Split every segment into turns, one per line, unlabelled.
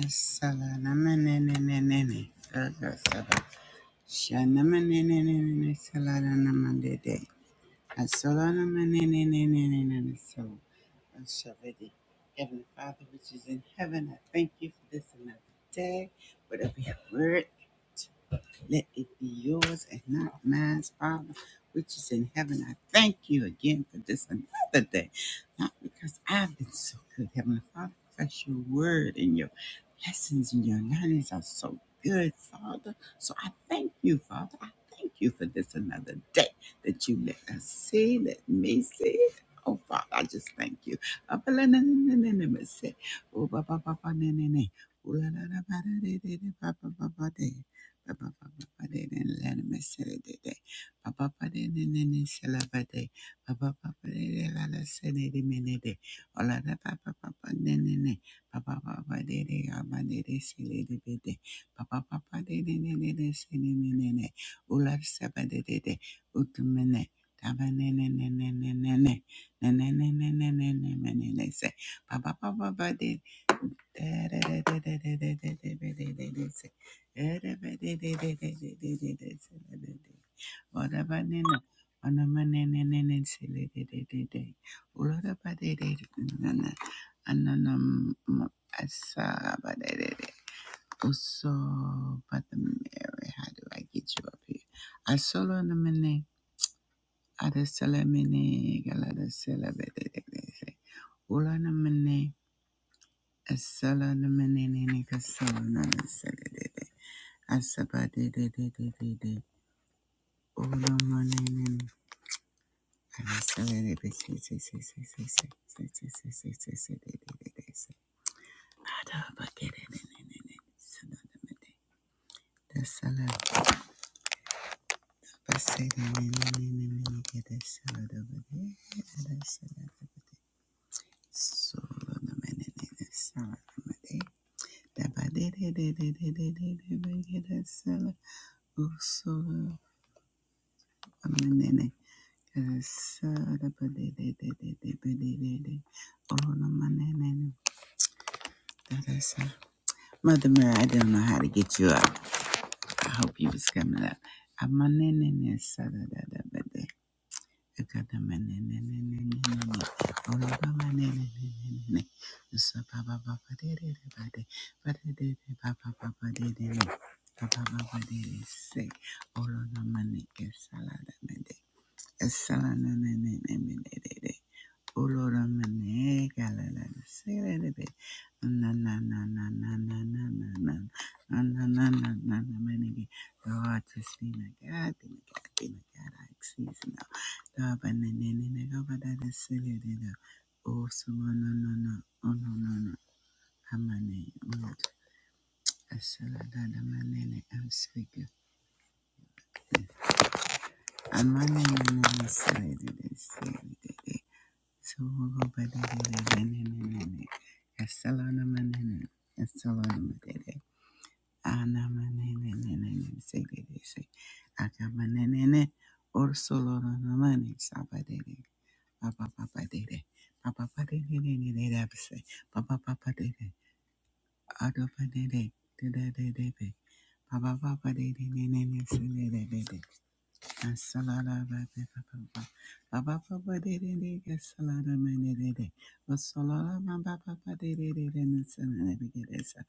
Asalamanenenenene. Agasaba. Shanamanenenenene. Salanamanede. Asalamanenenenene. So, Ashavedi. Heavenly Father, which is in heaven, I thank you for this another day. Whatever your word let it be yours and not mine, Father, which is in heaven. I thank you again for this another day. Not because I've been so good, Heavenly Father, because your word and your lessons and your learnings are so good, Father. So I thank you, Father. I thank you for this another day that you let us see, let me see. Oh, Father, I just thank you. Oh, ba- la- na- na- na- na- na- say. Oh, ba- ba- ba- ba- na- na- na. Oh, la- la- la- ba- da- da- da- da- ba- ba- ba- ba- da. Papa also, but the Mary, how do I get you up here? I solo na mene, ada sele mene, galada sele bede de Solo amanene Sarabadididididididididi. Olomanenene. Dadasa. Mother Mary, I don't know how to get you up. I hope you was coming up. Amanene sada da da bade akada manene nene, nene, olona manene nene, da da Amanenene saradadabade. Akadamanenenenenene. Olobamanenenenenene. Usababababadididibade. Badididibabababadididi. Babababadidi. Say, Olonamaneke saladabade. Salananenenenenene. Olora mane galala sele be na na na na na na na na na na na na na na na mane God just be my God be my God be my God I exceed now God ba na na na na God ba da da sele de da oh so no no no no oh no no no amane oh asala da da mane I'm speaking amane na na na sele de de sele de Solo badadada bananana. Castellana manana. Castellana madada. Ana mananana. Say dede say. Aka mananana. Or solo na mani. Sabadede. Papa papa dede. Papa papa dede dede say. Papa papa dede. Ado padede. Dede dede. Papa papa dede nene nene Asalada ba ba ba ba ba Aba ba ba de de de ke salada me de de de. Basalada ma ba ba ba de de de de na salada be ke de sa.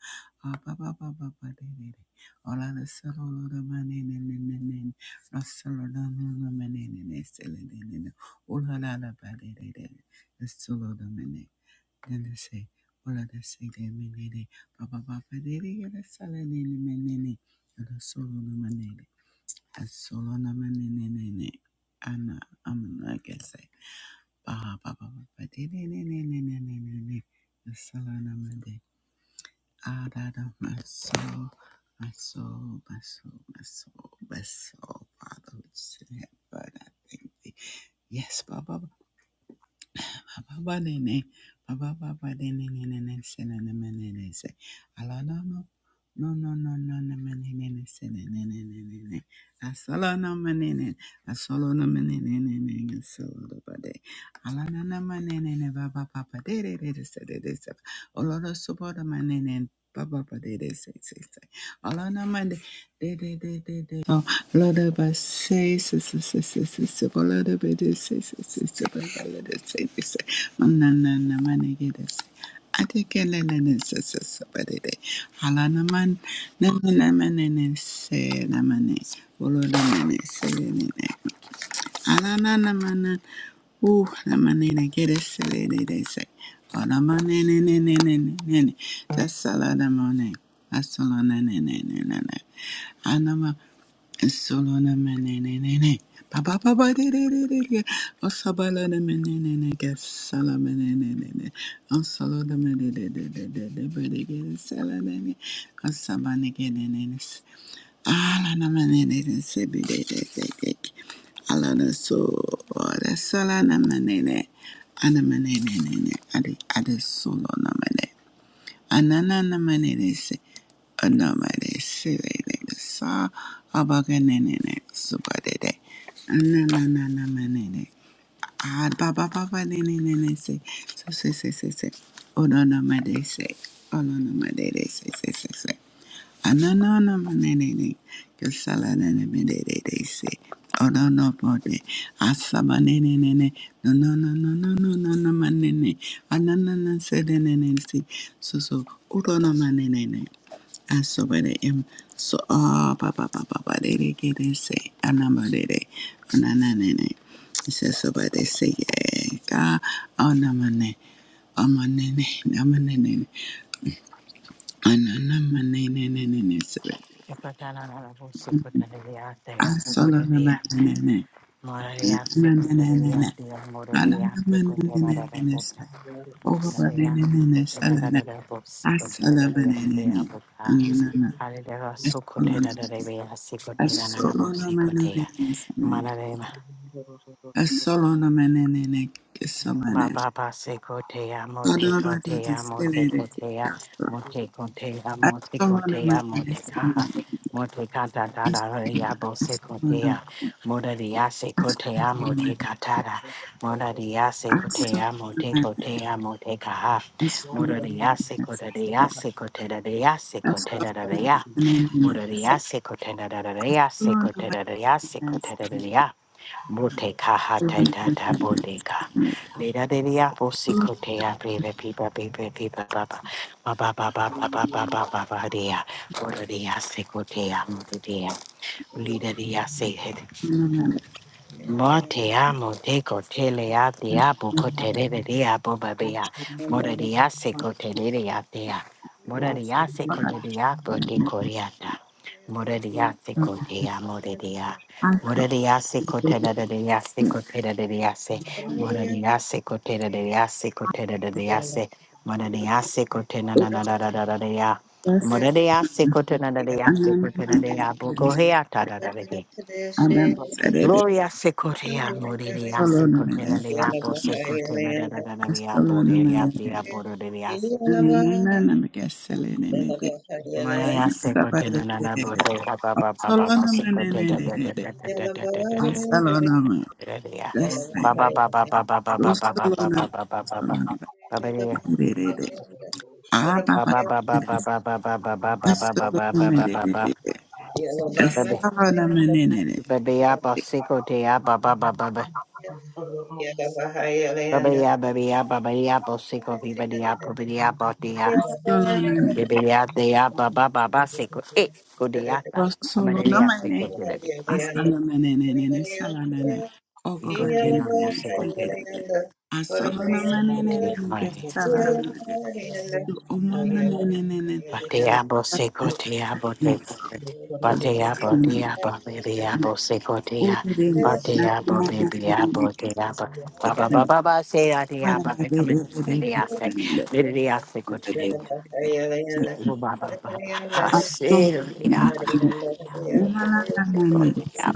Aba ba ba ba ba de de de. Ola la salada ma ne ne ne ne ne. La salada ma ma ma ne ne ne salada ne ne ne. Ola la la ba de de de. La salada ma ne. Then they say, Ola la say de me ne ne. ba ba ba ba Baba Asolana mane ne, ne ne. Ana amna I guess I ba ba ba ba ba de ne ne ne ne ne ne ne ne. Asolana mande. Adada maso maso maso maso maso. Father, which is in heaven, I thank thee. Yes, Baba. Ababadene, abababadene, nene, nene, nene sene, nene, nene, se. Alanama, no, no, no, no, no no nene, nene, nene, sene, nene, nene, nene. Asalanama, nene, asalanama, nene, nene, nene, solabade. Alananama, nene, nene, baba, papa, de, de, de, de, se, de, de, se. Olorosobodama, nene, baba, papa, de, de, se, se, se. Alana Mande. De de de de de. Oh, Lada ba say say say say say say. se. Lada ba de say say say se se. Lada say say. se. Mana na mane gede say. Ateke le le say say se se ba de de. Alana man na na na mane ne say na mane. Oloda mane say le ne. Ananana. Ooh, lamanene, get it, silly, they they say. Oh, lamanene, ne, ne, ne, ne, ne, ne. That's saladamone. That's salanene, ne, ne, ne, ne. Anama, sololamene, ne, ne, ne. Pa, pa, pa, pa, de, de, de, de, de. Oh, sabaladamene, ne, ne, get salamene, ne, ne, ne. Oh, saladamene, de, de, de, de, de, de, de, de, get it, saladamene. Oh, sabane, get it, ne, ne. Alana so the salana manene anamanene adi adi solo namane anana manene se anamane se sa Ananana Ah, ba ba ba ba ne ne ne ne se. So se se se se. Ono no no ma de se. Ono no no ma de de se se se se. Ano no no no ma ne ne ne. Yo sala ne ne me de de de se. Ono no mo de. Asa ma ne ne ne ne. No no no no no no no no ma ne ne. Ano no no no se de ne ne se. So so. Uro no no ma ne ne ne. Aso ba de em. So ah ba ba ba ba ba de de ke de se. Ano ma de de. Ano na na ne ne. It says somebody they say yeah, God oh no my name. Oh my name, no my name. Oh no no my name name name name.
Hallelujah.
I solo no man, name man, My name name name. Oh no no my name name name. Over
Thank
my name name name. Solo no. I solo my man, name. Oh no no. I solo no man, name. I solo no man, name name. I solo no man, name name.
Ba
Somebody.
ba ba se kotea mo te
Solo man,
kotea
my
mo se
name
kotea
name.
mo te kotea
I
mo se
still want to remain a
kotea mo te
student.
kaha mo te kata
I
da da da
still
ya bo se
want to
kotea mo da di ya se
I still
kotea mo
want
te
to
kata da mo da di ya
I
se
still
kotea mo te
want
kotea mo te kaha
to I still
mo da
want
di ya se kote di ya se kote da di ya
to
se
I
kote
still
da da da
want
ya
to
mo da ya se kote da da da ya se kote da da ya se
I
kote da da
still
ya Boteka
want to
hata tata boteka. Leda de diapo sicotea breve pipa pipa pipa papa. Baba baba baba baba baba dea. Ora dea sicotea mutu dea. Lida Monte amo te cotele a te apo cotere de apo babea. Moraria se cotere de atea. Moraria se cotere apo te coriata. Moraria se cotea moraria. Moraria se cotera de ase cotera de ase. Moraria se cotera de ase cotera de ase. Moraria se cotena na na na na na na na.
It was
Moraria se cotena de ase
anonymous.
cotena de apo coheata da da da.
Adam said, I
Gloria secotea moriria
still want to
secotena de apo secotena da da da da
I
de
still
apo de
want
api
to
apo de de
Solomon, Asala
apo. Manaya secotena na na bo se pa pa pa pa pa pa secotena da da da da da da da da da da da da da da
Yeah.
pa pa pa pa pa pa pa pa pa pa pa pa pa pa pa pa pa de pa pa pa pa pa pa pa pa pa pa pa pa pa pa pa pa pa baby baby apo secotea pa pa pa pa pa baby ya baby ya baby apo secotea baby apo baby apo
you.
Bebeyate ya ba ba ba ba seko e kodeyata kamarere ya seko derege
manene, sala nene, ogo
ikote ya bo
manene,
seko
sige,
te ya seko te ya mare
Thank
bate ya bo seko te ya bo te
Thank
kote bate ya bo te ya bo bebe ya bo seko te ya bate ya bo bebe ya bo te ya bo ba ba ba
you.
se ya te ya ba
you.
se derere ya te ne ya ba ba ya ya te ya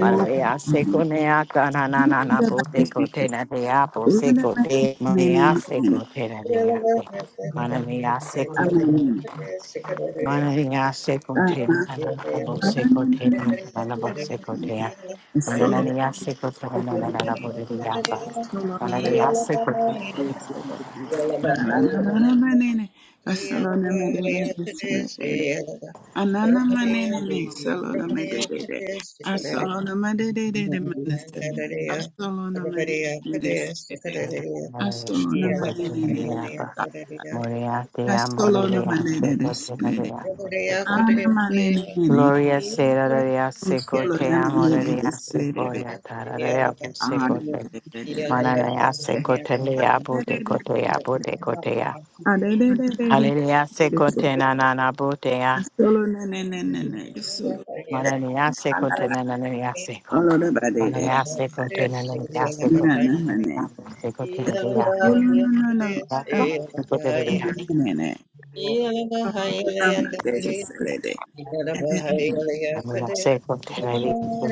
Maravilla seco nea na na na na pote cotena de apple
Thank
seco de mea seco tena de ate. Maravilla seco Maravilla seco tena na na bo seco tena na na bo seco tena. Manania seco tena na na na bo de apa.
Anana
Maravilla seco
manene ne salona madede de Asolona madede de de manese asolona madede de de de
Maravilla
asolona
seco
madede
tena
ne
de
ne
apa. Moria te amo
asolona
de
madede de
seco tena
de
de
de
apple seco
Ana manene nene,
Gloria sera gloria seco
usulo
te
na
amo
manene
gloria seco
deselebe,
ya tara gloria bu
ana
seco te
deselebe,
manana ya seco te le ya bu te co te ya bu te co te ya
Solo
hallelujah seco te na na na bu te ya manana ya seco te na na na ya
Yeah.
seco manana ya seco te na na na ya seco te na so so
you.
Yeah.
so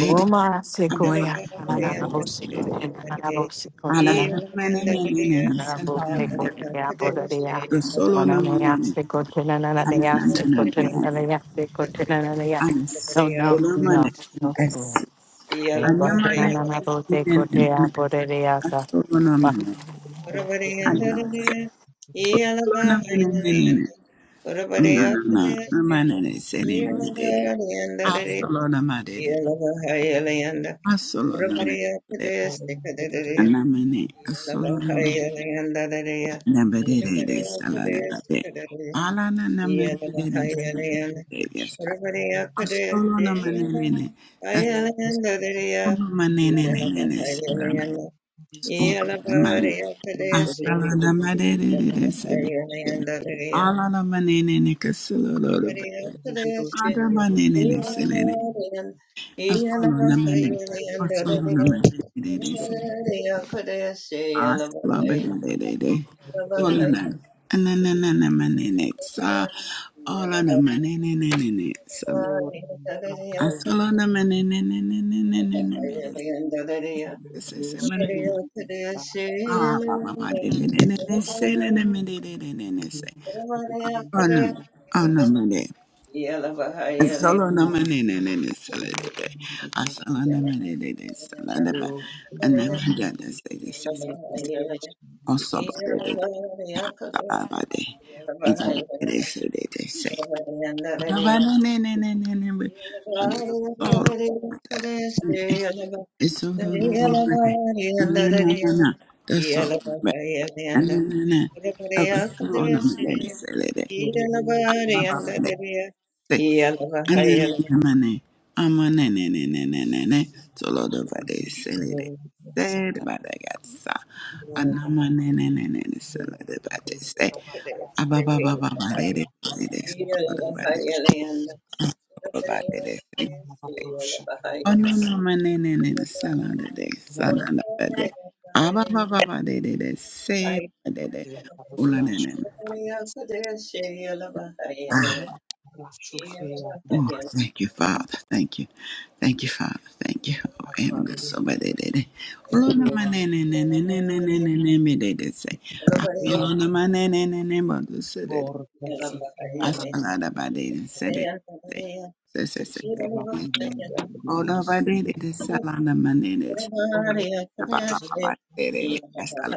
Roma sequoia, ananabo sequoia, ananabo sequoia, ananabo sequoia, bodaria, monanea sequoia, ananea sequoia, ananea sequoia, ananea. No, no, no, no school.
Yeah.
Sequoia,
Anamane
ananabo
mene
sequoia,
mene
bodaria, sa.
asolonamane anamane asolonamane mene mene anamane anamane ne sene mene dede asolonamane dede asolonamane dede anamane asolonamane nambe dede
Thank
dede salade babe alana namane dede salade dede asolonamane mene asolonamane mene mene
Yeah.
Open Asalana madere sebe. Alana manene ne kasilolo bebe. Ada manene ne selene. Asalana manene. Asalana manene se. Asla bebe de de. Tolana. Ananana manene sa. Alana manene ne ne ne sebe. Asalana manene ne ne ne ne ne ne ne. Se se se manene. Ah, ba ba ba de de de de selene me de de de de Ana, ana mene. Asala na mene ne ne ne sala de de. Asala
Yeah.
na mene de de sala de ba. Ana mene de se de se. Oso ba de de de sala ba de. Izi de de se de de se. Na ba ne ne ne ne ne ne ne. Ana solo. Eso do do do do. Ana na na na. Da so. be. Ana na na. Aba solo na mene de sala de. Aba mene. de se. Amanene, amanenenenenene, solo dove dei seli dei sedi, ma ragazza, anamanenenenene, solo dove dei sedi, ababababa dei dei sedi, solo dove dei sedi, dei sedi, onomamanenenene,
Yeah.
solo dei solo dove dei, ababababa dei dei dei sedi, dei dei, ulanene. Ah,
Haya rashukia
oh, thank you, Father, thank you. Thank you, Father. Thank you. Oh, I'm just so
masakabariya
bad at it. Olo na ma
yera
ne ne ne ne ne ne ne ne ne me de de se. Olo na ma ne ne ne ne mo du se de de.
borda sikina
Asala
namaka
da ba de de se de de. Se se se
tekira
de
na
de se.
kumaya
Olo
burias
ba de de de se la na ma ne ne se.
ona
Na ba ba
tekiro
ba ba de de de. Asala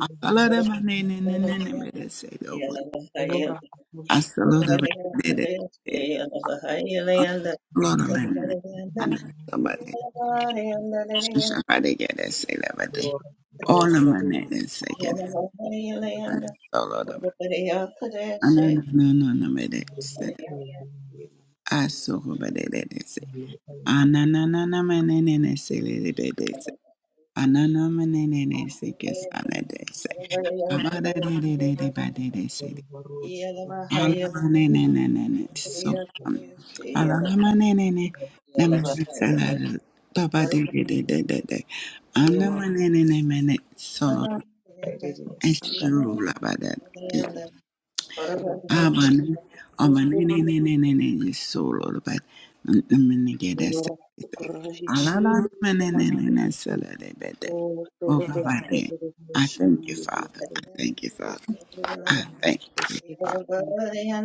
asala da ma ne ne ne ne ne me de se de oko.
ora akusha
Asala da ba de de de. Olo na ma ne ne. Ana somebody somebody get it. Say that.
ora
All of my
resari
niggas, they get it. All of them. Ananananamede, say,
haya
asokobadede, say,
ni
ananananamanene, say, lelebede, say, ananamanene, say, kesanede, say, abadadedededebadede, say,
ora varosha
Yeah.
ramu
alamanenenenene, so, um, alalamanenene,
rus
namakasala, babadedededede,
ora
anamanenenemene, so long,
perere sanda
eshurulabada,
kravuchi
Abana abane ne ne ne ne ne ne, solo but mene gede se
ora kravuchi
alala mene ne ne ne solo de bede
O
o
Iya,
Toronto
kabare.
State
I
Revolution
thank you, Father. I
Bibliothek
thank you, Father. I
Irish
thank you, Father.
Revolution
bahaya layan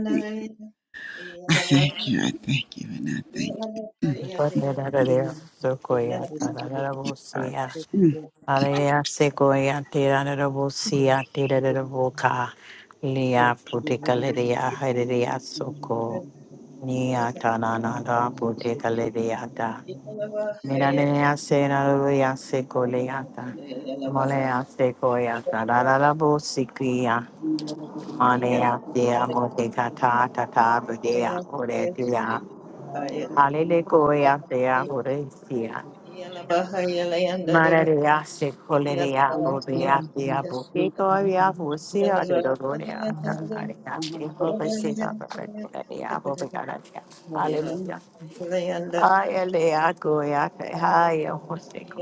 I thank you. I
dari
thank you, and I thank you. Mm,
Sequoia, ananea
Women
sequoia,
Revolution
Thank you,
ananabo
Father.
sequoia.
Mm.
Hallelujah, Sequoia, Tira de Robosia, Tira de Roboca, Lia Puticaleria, Heredia Soco, Nia Tananada, Puticaleriata, Miranea Senaria Secoleata, Molea Sequoia, Tanada Bosicia, Manea, Tia Moticata, Tata, Budea, Oretia, Hallelujah, Tia, Horesia.
iya bahaya
Mararia se coleria bobea via bobico via busia de dolorea aria tipo vestida perfecta via bobegara
Yeah.
Hallelujah.
Revolution
Hallelujah. Goya te haya hostico.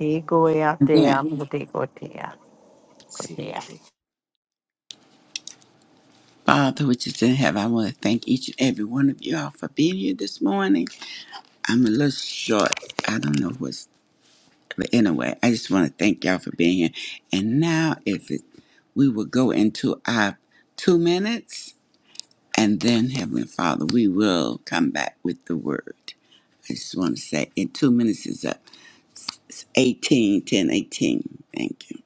Egoya te
Again,
amo te gotea. Gotea.
Father, which is in heaven, I want to thank each and every one of you all for being here this morning. I'm a little short. I don't know what. But anyway, I just want to thank y'all for being here. And now, if it, we will go into our two minutes, and then Heavenly Father, we will come back with the word. I just want to say, in two minutes is up. It's 18 10 18. Thank you.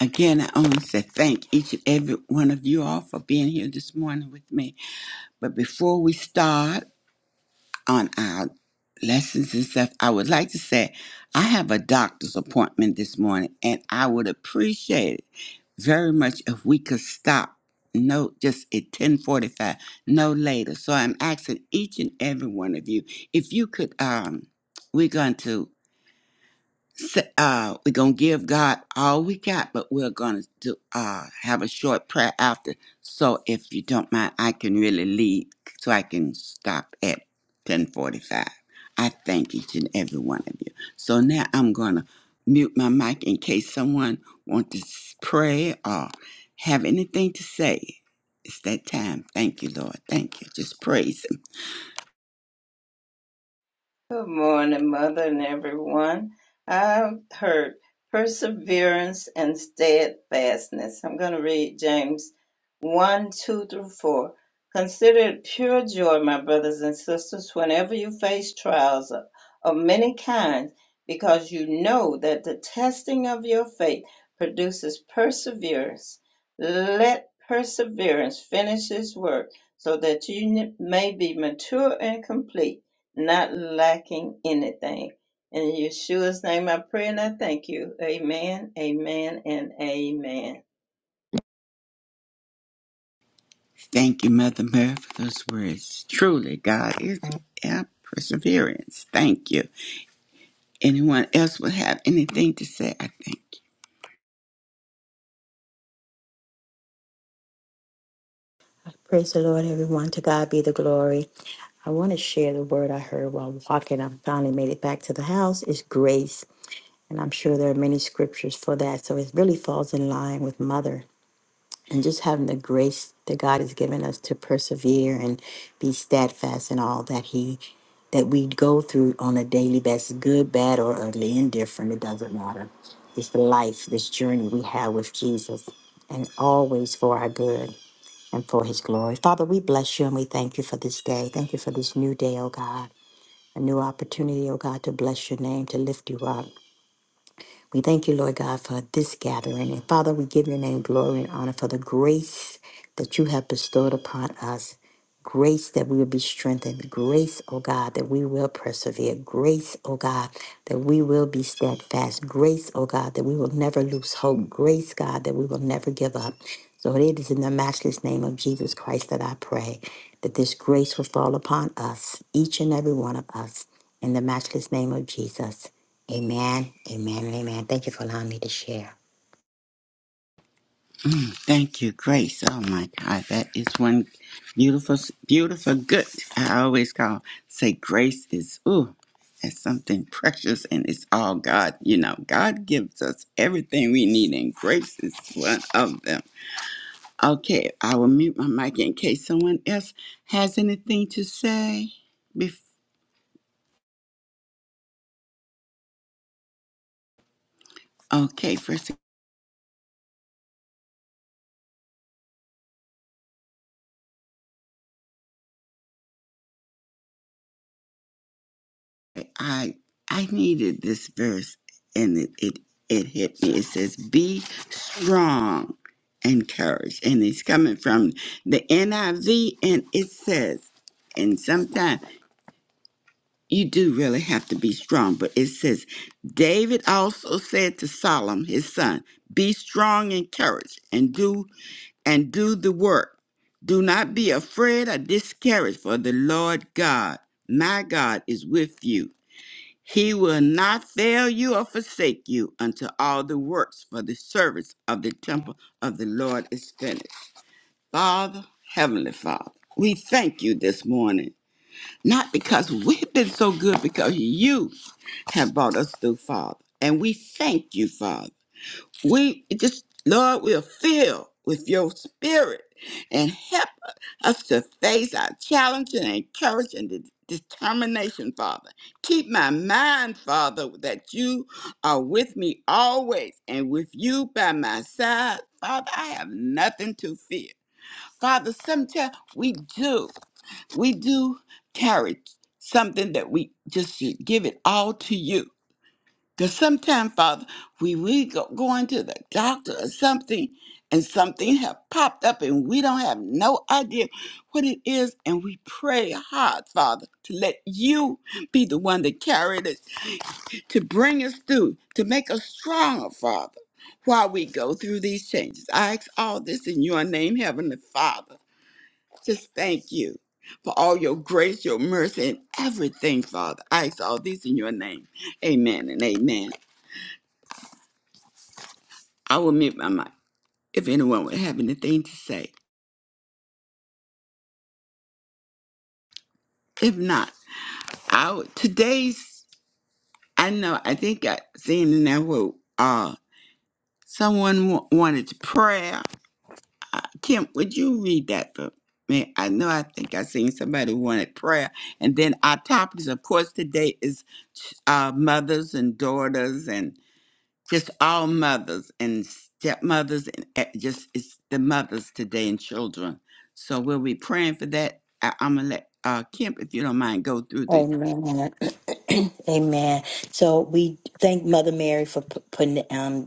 Again, I only say thank each and every one of you all for being here this morning with me. But before we start, on our lessons and stuff, I would like to say I have a doctor's appointment this morning and I would appreciate it very much if we could stop no just at 1045 no later so i'm asking each and every one of you if you could um we're going to s- uh, we're gonna give God all we got, but we're gonna do uh have a short prayer after. So if you don't mind, I can really lead, so I can stop at ten forty-five. I thank each and every one of you. So now I'm gonna mute my mic in case someone wants to s- pray or have anything to say. It's that time. Thank you, Lord. Thank you. Just praise Him.
Good morning, Mother, and everyone. I've heard perseverance and steadfastness. I'm going to read James 1 2 through 4. Consider it pure joy, my brothers and sisters, whenever you face trials of, of many kinds, because you know that the testing of your faith produces perseverance. Let perseverance finish its work, so that you n- may be mature and complete not lacking anything. In Yeshua's name I pray and I thank you. Amen, amen, and amen.
Thank you, Mother Mary, for those words. Truly, God is our perseverance. Thank you. Anyone else would have anything to say? I thank you.
Praise the Lord, everyone. To God be the glory. I want to share the word I heard while walking. I finally made it back to the house. It's grace. And I'm sure there are many scriptures for that. So it really falls in line with mother and just having the grace that God has given us to persevere and be steadfast in all that he that we go through on a daily basis, good, bad, or ugly, indifferent, it doesn't matter. It's the life, this journey we have with Jesus, and always for our good and for his glory. Father, we bless you and we thank you for this day. Thank you for this new day, oh God, a new opportunity, oh God, to bless your name, to lift you up. We thank you, Lord God, for this gathering. And Father, we give your name glory and honor for the grace that you have bestowed upon us. Grace that we will be strengthened. Grace, oh God, that we will persevere. Grace, oh God, that we will be steadfast. Grace, oh God, that we will never lose hope. Grace, God, that we will never give up. So it is in the matchless name of Jesus Christ that I pray that this grace will fall upon us, each and every one of us, in the matchless name of Jesus. Amen. Amen. and Amen. Thank you for allowing me to share.
Thank you, Grace. Oh my God, that is one beautiful, beautiful good. I always call say grace is ooh, that's something precious, and it's all God. You know, God gives us everything we need, and grace is one of them. Okay, I will mute my mic in case someone else has anything to say. before. Okay, first I I needed this verse and it, it it hit me. It says, "Be strong and courage," and it's coming from the NIV, and it says, and sometimes you do really have to be strong, but it says, David also said to Solomon his son, "Be strong and courage, and do and do the work. Do not be afraid or discouraged, for the Lord God, my God, is with you." He will not fail you or forsake you until all the works for the service of the temple of the Lord is finished. Father, Heavenly Father, we thank you this morning, not because we've been so good, because you have brought us through, Father. And we thank you, Father. We just, Lord, we're filled with your spirit and help us to face our challenge and encourage and de- determination, Father. Keep my mind, Father, that you are with me always and with you by my side. Father, I have nothing to fear. Father, sometimes we do, we do carry something that we just should give it all to you. Because sometimes, Father, we we go, going to the doctor or something, and something have popped up, and we don't have no idea what it is, and we pray hard, Father, to let you be the one that carried us, to bring us through, to make us stronger, Father, while we go through these changes. I ask all this in your name, Heavenly Father. Just thank you for all your grace, your mercy, and everything, Father. I ask all this in your name. Amen and amen. I will mute my mic if anyone would have anything to say. If not, I would, today's I know I think I seen in that word uh someone w- wanted to prayer. Uh, Kim, would you read that for me? I know I think I seen somebody wanted prayer, and then our topics, of course, today is uh, mothers and daughters and just all mothers and stepmothers and e- just it's the mothers today and children. So we'll be praying for that. I, I'm gonna let uh, Kemp, if you don't mind, go through the.
Amen. Amen. So we thank Mother Mary for p- putting it um.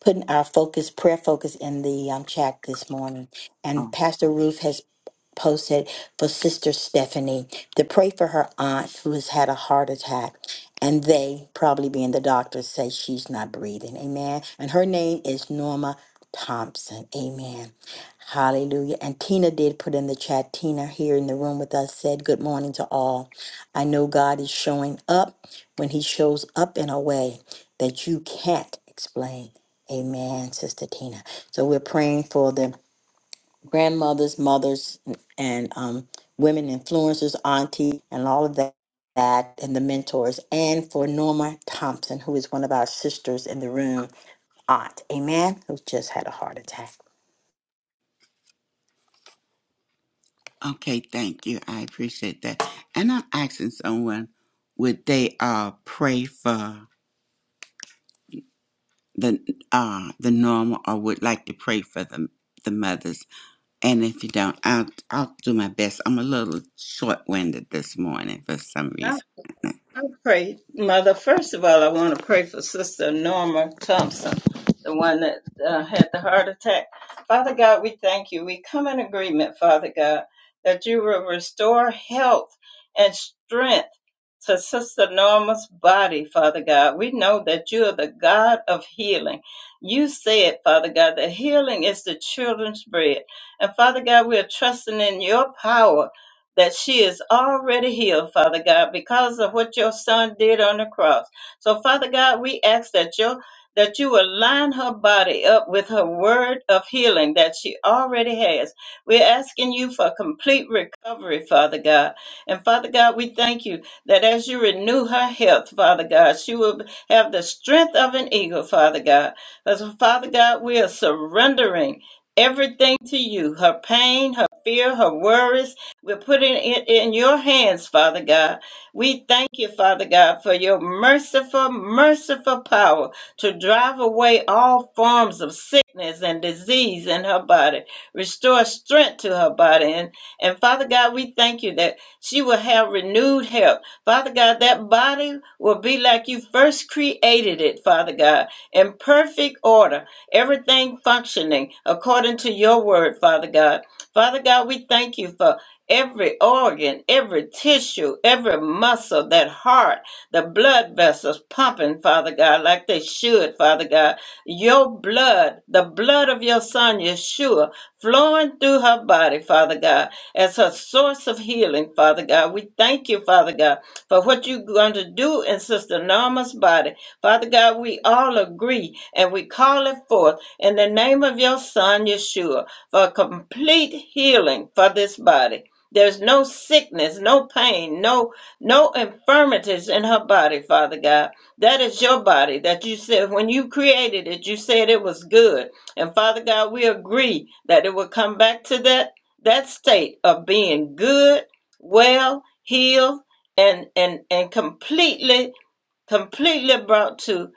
putting our focus, prayer focus, in the um, chat this morning. And
Oh,
Pastor Ruth has posted for Sister Stephanie to pray for her aunt who has had a heart attack. And they, probably being the doctors, say she's not breathing. Amen. And her name is Norma Thompson. Amen. Hallelujah. And Tina did put in the chat. Tina here in the room with us said, Good morning to all. I know God is showing up when He shows up in a way that you can't explain. Amen, Sister Tina. So we're praying for the grandmothers, mothers, and um, women influencers, auntie, and all of that, that, and the mentors, and for Norma Thompson, who is one of our sisters in the room, aunt. Amen, who just had a heart attack.
okay, thank you. I appreciate that. And I'm asking someone, would they uh pray for the uh the normal or would like to pray for the the mothers? And if you don't, I'll I'll do my best. I'm a little short winded this morning for some reason.
I pray, Mother. First of all, I want to pray for Sister Norma Thompson, the one that uh, had the heart attack. Father God, we thank you. We come in agreement, Father God, that you will restore health and strength to Sister Norma's body, Father God. We know that you are the God of healing. You said, Father God, that healing is the children's bread. And Father God, we are trusting in your power that she is already healed, Father God, because of what your son did on the cross. So, Father God, we ask that your that you align her body up with her word of healing that she already has. We're asking you for complete recovery, Father God. And Father God, we thank you that as you renew her health, Father God, she will have the strength of an eagle, Father God. Because, Father God, we are surrendering everything to you her pain, her fear, her worries we're putting it in your hands, Father God. We thank you, Father God, for your merciful, merciful power to drive away all forms of sickness and disease in her body, restore strength to her body. And, and Father God, we thank you that she will have renewed health. Father God, that body will be like you first created it, Father God, in perfect order, everything functioning according to your word, Father God. Father God, we thank you for every organ, every tissue, every muscle, that heart, the blood vessels pumping, Father God, like they should, Father God. Your blood, the blood of your son, Yeshua, flowing through her body, Father God, as her source of healing, Father God. We thank you, Father God, for what you're going to do in Sister Norma's body. Father God, we all agree and we call it forth in the name of your son, Yeshua, for complete healing for this body. There's no sickness, no pain, no no infirmities in her body, Father God. That is your body that you said when you created it, you said it was good. And Father God, we agree that it will come back to that that state of being good, well, healed, and and and completely completely brought to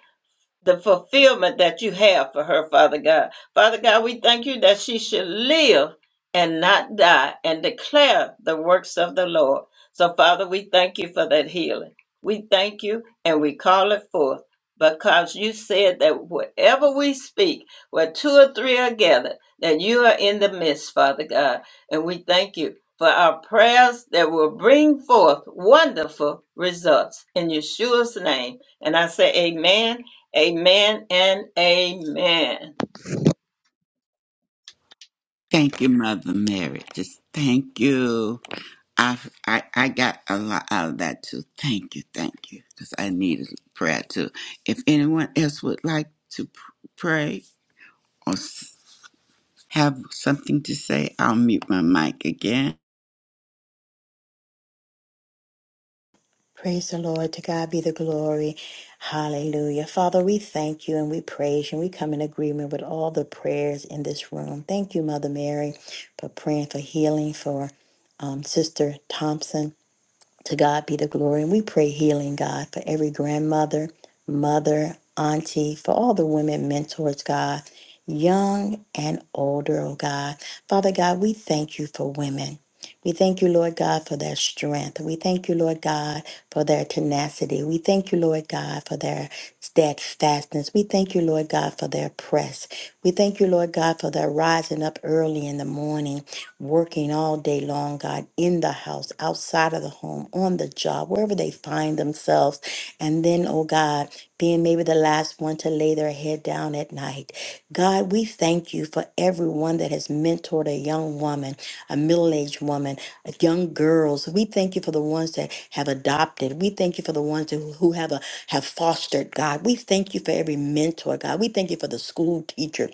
the fulfillment that you have for her, Father God. Father God, we thank you that she should live and not die and declare the works of the Lord. So, Father, we thank you for that healing. We thank you and we call it forth because you said that whatever we speak, where two or three are gathered, that you are in the midst, Father God. And we thank you for our prayers that will bring forth wonderful results in Yeshua's name. And I say, Amen Amen and amen.
Thank you, Mother Mary. Just thank you. I I, I got a lot out of that too. Thank you, thank you, because I needed prayer too. If anyone else would like to pr- pray or s- have something to say, I'll mute my mic again.
Praise the Lord. To God be the glory. Hallelujah. Father, we thank you and we praise you. And we come in agreement with all the prayers in this room. Thank you, Mother Mary, for praying for healing for um, Sister Thompson. To God be the glory. And we pray healing, God, for every grandmother, mother, auntie, for all the women mentors, God, young and older, oh God. Father God, we thank you for women. We thank you, Lord God, for their strength. We thank you, Lord God, for their tenacity. We thank you, Lord God, for their steadfastness. We thank you, Lord God, for their press. We thank you, Lord God, for their rising up early in the morning working all day long, God, in the house, outside of the home, on the job, wherever they find themselves. And then, oh God, being maybe the last one to lay their head down at night. God, we thank you for everyone that has mentored a young woman, a middle aged woman, a young girls. We thank you for the ones that have adopted. We thank you for the ones who who have a, have fostered, God. We thank you for every mentor, God. We thank you for the school teacher.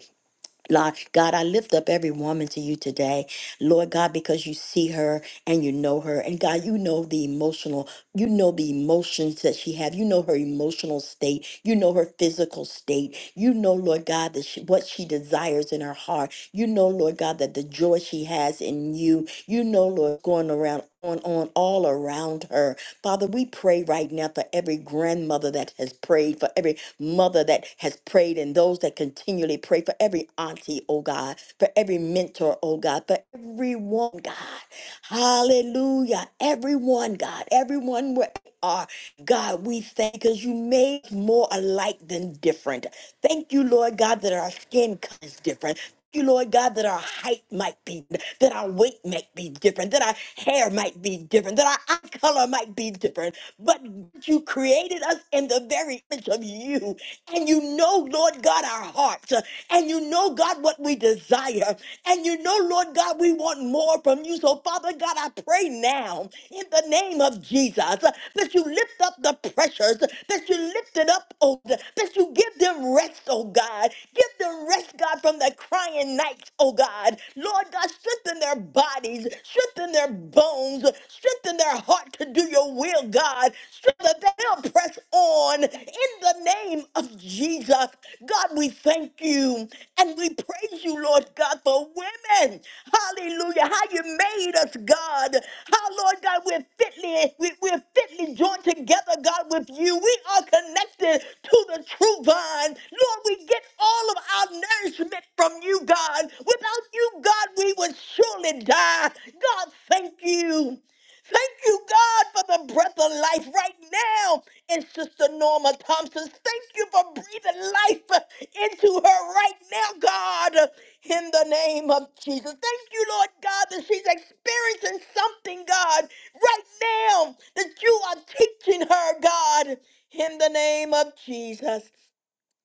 Lord God, I lift up every woman to you today, Lord God, because you see her and you know her, and God, you know the emotional, you know the emotions that she have, you know her emotional state, you know her physical state, you know, Lord God, that she, what she desires in her heart, you know, Lord God, that the joy she has in you, you know, Lord, going around on on all around her, Father, we pray right now for every grandmother that has prayed, for every mother that has prayed and those that continually pray for every auntie, oh God, for every mentor, oh God, for everyone, God. Hallelujah. Everyone, God, everyone where they are. God, we thank you because you made us more alike than different. Thank you, Lord God, that our skin color is different. Thank you, Lord God, that our height might be, that our weight might be different, that our hair might be different, that our eye color might be different. But you created us in the very image of you. And you know, Lord God, our hearts. And you know, God, what we desire. And you you know, Lord God, we want more from you. So, Father God, I pray now in the name of Jesus uh, that you lift up the pressures, that you lift it up, oh, God, that you give them rest, oh God. Give them rest, God, from their crying nights, oh God. Lord God, strengthen their bodies, strengthen their bones, strengthen their heart to do your will, God. Strengthen that they'll press on on in the name of Jesus. God, we thank you and we praise you, Lord God, for women. Hallelujah. How you made us, God. How, Lord God, we're fitly, we, we're fitly joined together, God, with you. We are connected to the true vine. Lord, we get all of our nourishment from you, God. Without you, God, we would surely die. God, thank you. Thank you, God, for the breath of life right now in Sister Norma Thompson. Thank you for breathing life into her right now, God, in the name of Jesus. Thank you, Lord God, that she's experiencing something, God, right now that you are teaching her, God, in the name of Jesus.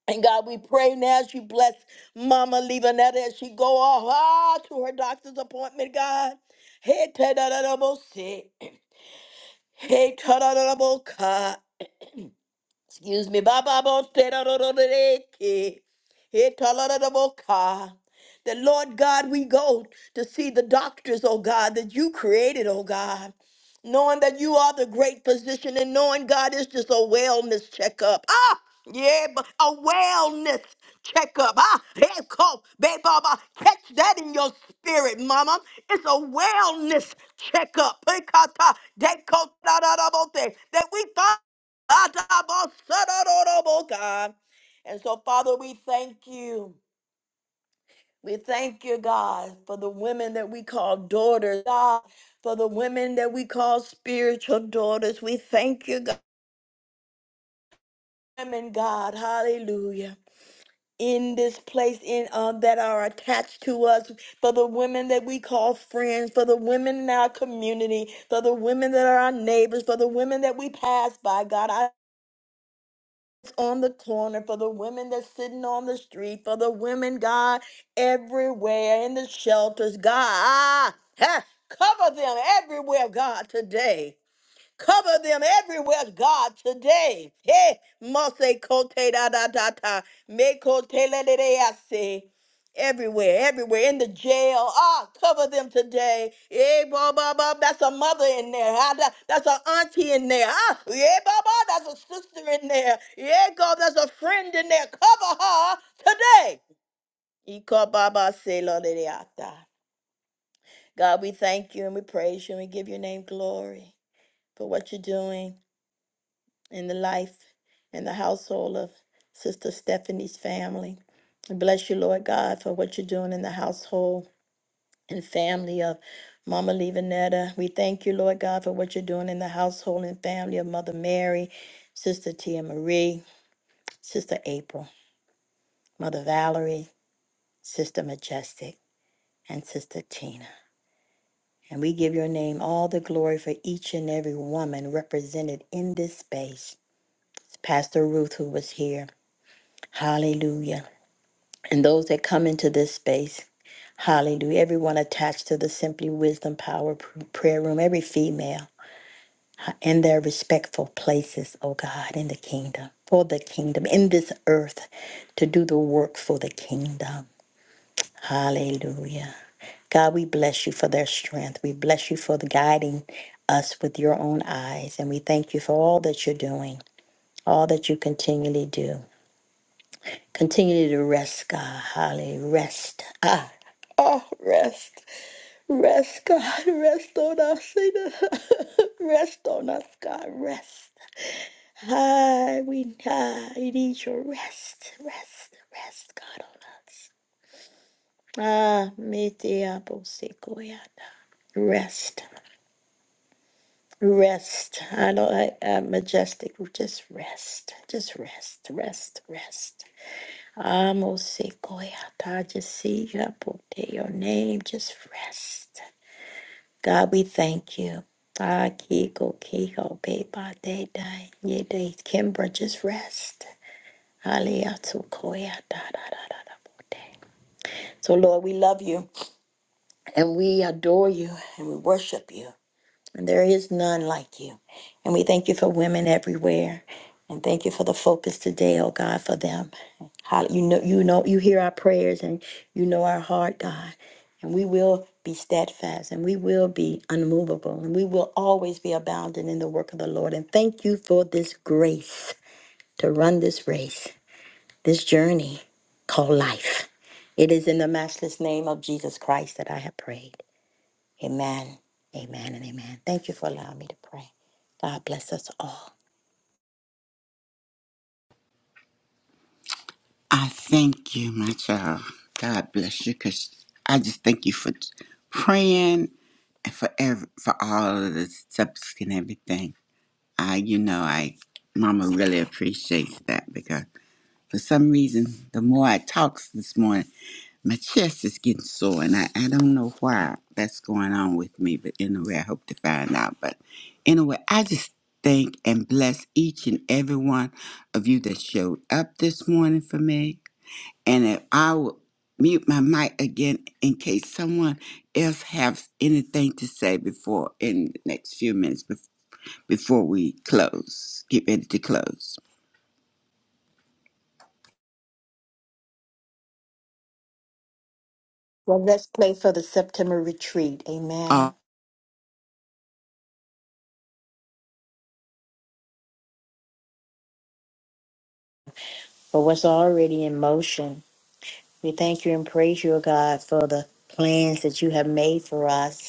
And God, we pray now as you bless Mama Levanetta as she go off ah, to her doctor's appointment, God. Hey, te- da- da- da- bo- si. Hey, ta-da-da-da-bo-ka. Excuse me, Baba Bostereke. Etalaradaboka. That Lord God, we go to see the doctors, oh God, that you created, oh God. Knowing that you are the great physician and knowing God is just a wellness checkup. Ah, yeah, but a wellness checkup. Ah, hey, Coach, babe, Baba, catch that in your spirit, Mama. It's a wellness checkup. Pekata, dekotarabote, That we find. Atabosadororobo, God. And so, Father, we thank you. We thank you, God, for the women that we call daughters, God, for the women that we call spiritual daughters. We thank you, God. Women, God, hallelujah. In this place, in uh, that are attached to us, for the women that we call friends, for the women in our community, for the women that are our neighbors, for the women that we pass by, God. I. that's on the corner, for the women that's sitting on the street, for the women, God, everywhere in the shelters, God. Ah, ah, cover them everywhere, God, today. Cover them everywhere, God, today. Hey, Mose Kote da da da da. Me Kote le le le I say. Everywhere, everywhere, in the jail. Ah, cover them today. Hey, Bob, Bob, Bob, that's a mother in there. Ah, that- that's an auntie in there. Ah, yeah, Bob, Bob, that's a sister in there. Yeah, God, that's a friend in there. Cover her today. Iko Baba se lo le le ata. God, we thank you and we praise you and we give your name glory for what you're doing in the life and the household of Sister Stephanie's family. I Bless you, Lord God, for what you're doing in the household and family of Mama Levanetta. We thank you, Lord God, for what you're doing in the household and family of Mother Mary, Sister Tia Marie, Sister April, Mother Valerie, Sister Majestic, and Sister Tina. And we give your name all the glory for each and every woman represented in this space. Pastor Ruth, who was here. Hallelujah. and those that come into this space. Hallelujah. Everyone attached to the Simply Wisdom Power Pr- Prayer Room, every female in their respectful places, oh God, in the kingdom, for the kingdom, in this earth, to do the work for the kingdom. Hallelujah. God, we bless you for their strength. We bless you for the guiding us with your own eyes. And we thank you for all that you're doing, all that you continually do. Continue to rest, God. Hallelujah. Rest. Ah, oh, rest. Rest, God, rest on us. Rest on us, God, rest. Ah, we, ah, we need your rest, rest, rest, God, on us. Ah, me te amo, Sequoiana. Rest, rest. I know I, I'm majestic. Just rest, just rest, rest, rest. Amo Sequoiana. I just see you. I put your name. Just rest. God, we thank you. Ah, Kiko, Kiko, Beba, Day, Day, Ye, Day, Kimbra, just rest. Aliyah, Tukoya, da, da, da, da, da, bo, day. So, Lord, we love you and we adore you and we worship you. And there is none like you. And we thank you for women everywhere. And thank you for the focus today, oh God, for them. Hall- You know, you know, you hear our prayers and you know our heart, God. And we will be steadfast and we will be unmovable and we will always be abounding in the work of the Lord. And thank you for this grace to run this race, this journey called life. It is in the matchless name of Jesus Christ that I have prayed. Amen. Amen and amen. Thank you for allowing me to pray. God bless us all.
I thank you, my child. God bless you, because I just thank you for praying and for every, for all of the subs and everything. I, you know, I, Mama really appreciates that because. For some reason, the more I talk this morning, my chest is getting sore, and I, I don't know why that's going on with me, but anyway, I hope to find out. But anyway, I just thank and bless each and every one of you that showed up this morning for me. And if I will mute my mic again in case someone else has anything to say before in the next few minutes bef- before we close, get ready to close.
Well, let's pray for the September retreat. Amen. For what's already in motion. We thank you and praise you, O God, for the plans that you have made for us.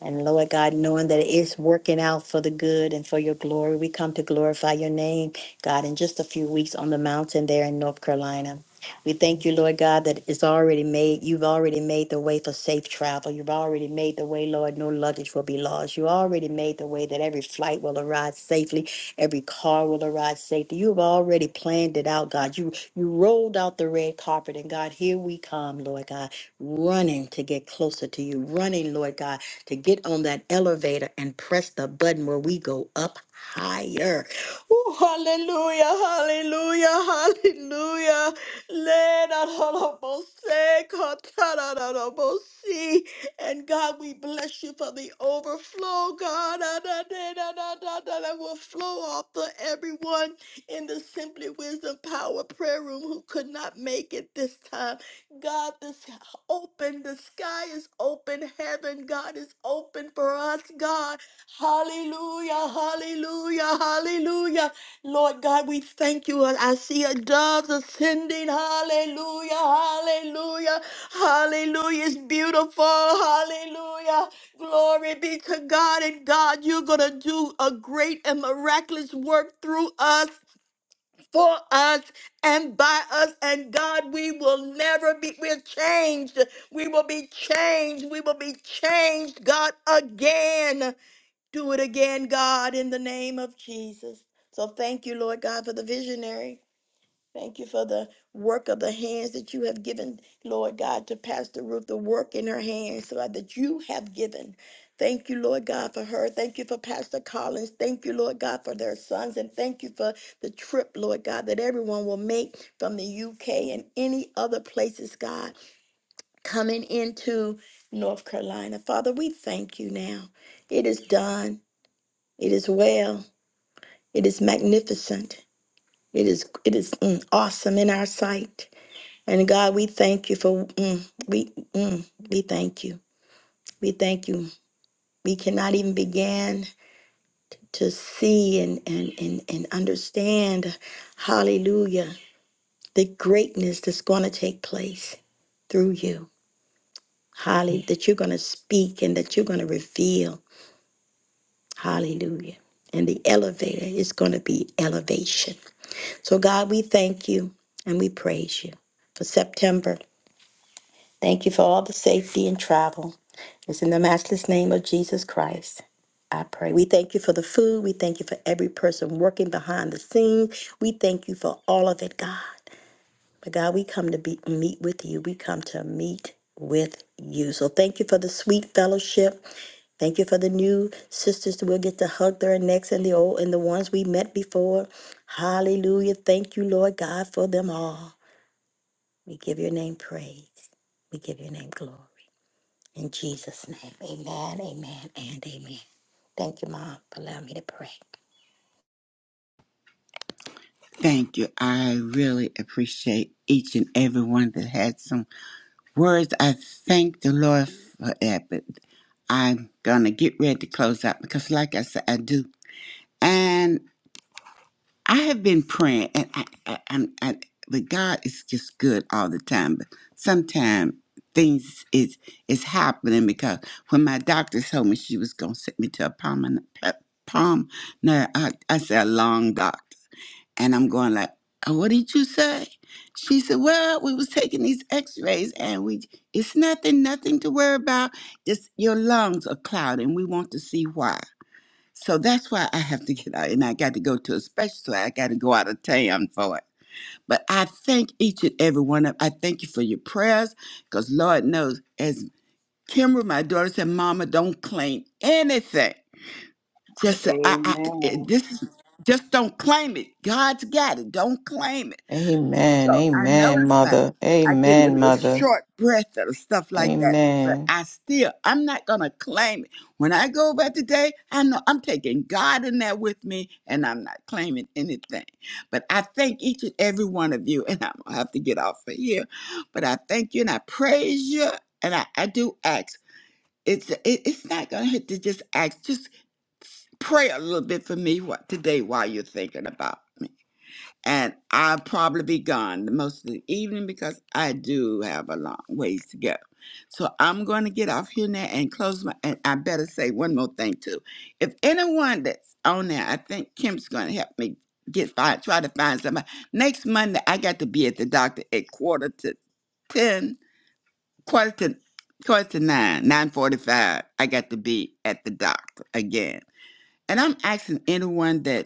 And Lord God, knowing that it's working out for the good and for your glory, we come to glorify your name, God, in just a few weeks on the mountain there in North Carolina. We thank you, Lord God, that it's already made. You've already made the way for safe travel. You've already made the way, Lord, no luggage will be lost. You already made the way that every flight will arrive safely, every car will arrive safely. You've already planned it out, God. You you rolled out the red carpet, and God, here we come, Lord God, running to get closer to you, running, Lord God to get on that elevator and press the button where we go up higher. Ooh, hallelujah, hallelujah, hallelujah. Let da da da Katarabo see. And God, we bless you for the overflow, God, da da, da, da, da, da, da, that will flow off to everyone in the Simply Wisdom Power Prayer Room who could not make it this time. God, this open. The sky is open. Heaven, God, is open for us, God. Hallelujah, hallelujah, hallelujah. Lord God, we thank you. I see a dove ascending. Hallelujah, hallelujah, hallelujah. It's beautiful. Hallelujah. Glory be to God. And God, you're going to do a great and miraculous work through us for us and by us and God we will never be we're changed we will be changed we will be changed God again do it again God in the name of Jesus so thank you Lord God for the visionary Thank you for the work of the hands that you have given, Lord God, to Pastor Ruth, the work in her hands so that you have given. Thank you, Lord God, for her. Thank you for Pastor Collins. Thank you, Lord God, for their sons. And thank you for the trip, Lord God, that everyone will make from the UK and any other places, God, coming into North Carolina. Father, we thank you now. It is done. It is well. It is magnificent. It is it is mm, awesome in our sight. And God, we thank you for mm, we mm, we thank you. We thank you. We cannot even begin to see and and and, and understand, hallelujah, the greatness that's going to take place through you. Hallelujah. That you're going to speak and that you're going to reveal. Hallelujah. And the elevator is going to be elevation. So God, we thank you and we praise you for September. Thank you for all the safety and travel. It's in the matchless name of Jesus Christ. I pray. We thank you for the food. We thank you for every person working behind the scenes. We thank you for all of it, God. But God, we come to be, meet with you. We come to meet with you. So thank you for the sweet fellowship. Thank you for the new sisters that will get to hug their necks and the old and the ones we met before. Hallelujah. Thank you, Lord God, for them all. We give your name praise. We give your name glory. In Jesus' name. Amen, amen, and amen. Thank you, Mom, for allowing me to pray.
Thank you. I really appreciate each and every one that had some words. I thank the Lord for that, but I'm going to get ready to close out because, like I said, I do. And I have been praying, and I, I, I'm, I, but God is just good all the time. But sometimes things is is happening because when my doctor told me she was going to send me to a palm, palm, no, I, I said a long doc. And I'm going like, "Uh, what did you say? She said, well, we was taking these x-rays and we, it's nothing, nothing to worry about. It's your lungs are clouded and we want to see why. So that's why I have to get out and I got to go to a special, so I got to go out of town for it. But I thank each and every one of, I thank you for your prayers because Lord knows as Kimber, my daughter said, mama, don't claim anything. Just, uh, I, I,
Amen.
it- this is, just don't claim it. God's got it. Don't claim it so
Amen.
I
Amen,
noticed that
mother.
I get a
Amen,
little
mother.
short breath or stuff like that. But
Amen.
I still, I'm not gonna claim it. When I go about the day, I know I'm taking God in there with me, and I'm not claiming anything. But I thank each and every one of you, and I'm gonna have to get off of here. But I thank you, and I praise you, and I, I do ask. It's it, it's not gonna hurt to just ask. Just pray a little bit for me what today while you're thinking about me and I'll probably be gone the most of the evening because I do have a long ways to go. So I'm going to get off here now and close my. And I better say one more thing too. If anyone that's on there, I think Kim's going to help me get find try to find somebody. Next Monday, I got to be at the doctor at quarter to ten, quarter to quarter to nine, nine forty-five. I got to be at the doctor again. And I'm asking anyone that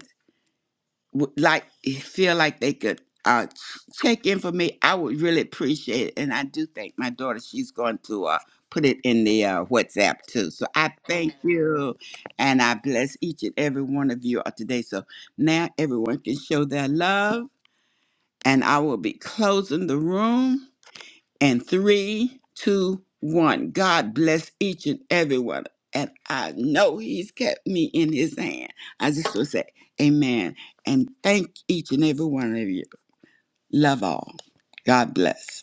would like eh, feel like they could uh ch- check in for me i would really appreciate it and i do think my daughter she's going to uh put it in the uh, whatsapp too so i thank you and i bless each and every one of you uh, today so now everyone can show their love and i will be closing the room and three, two, one. God bless each and every one. And I know He's kept me in His hand. I just want to say amen. And thank each and every one of you. Love all. God bless.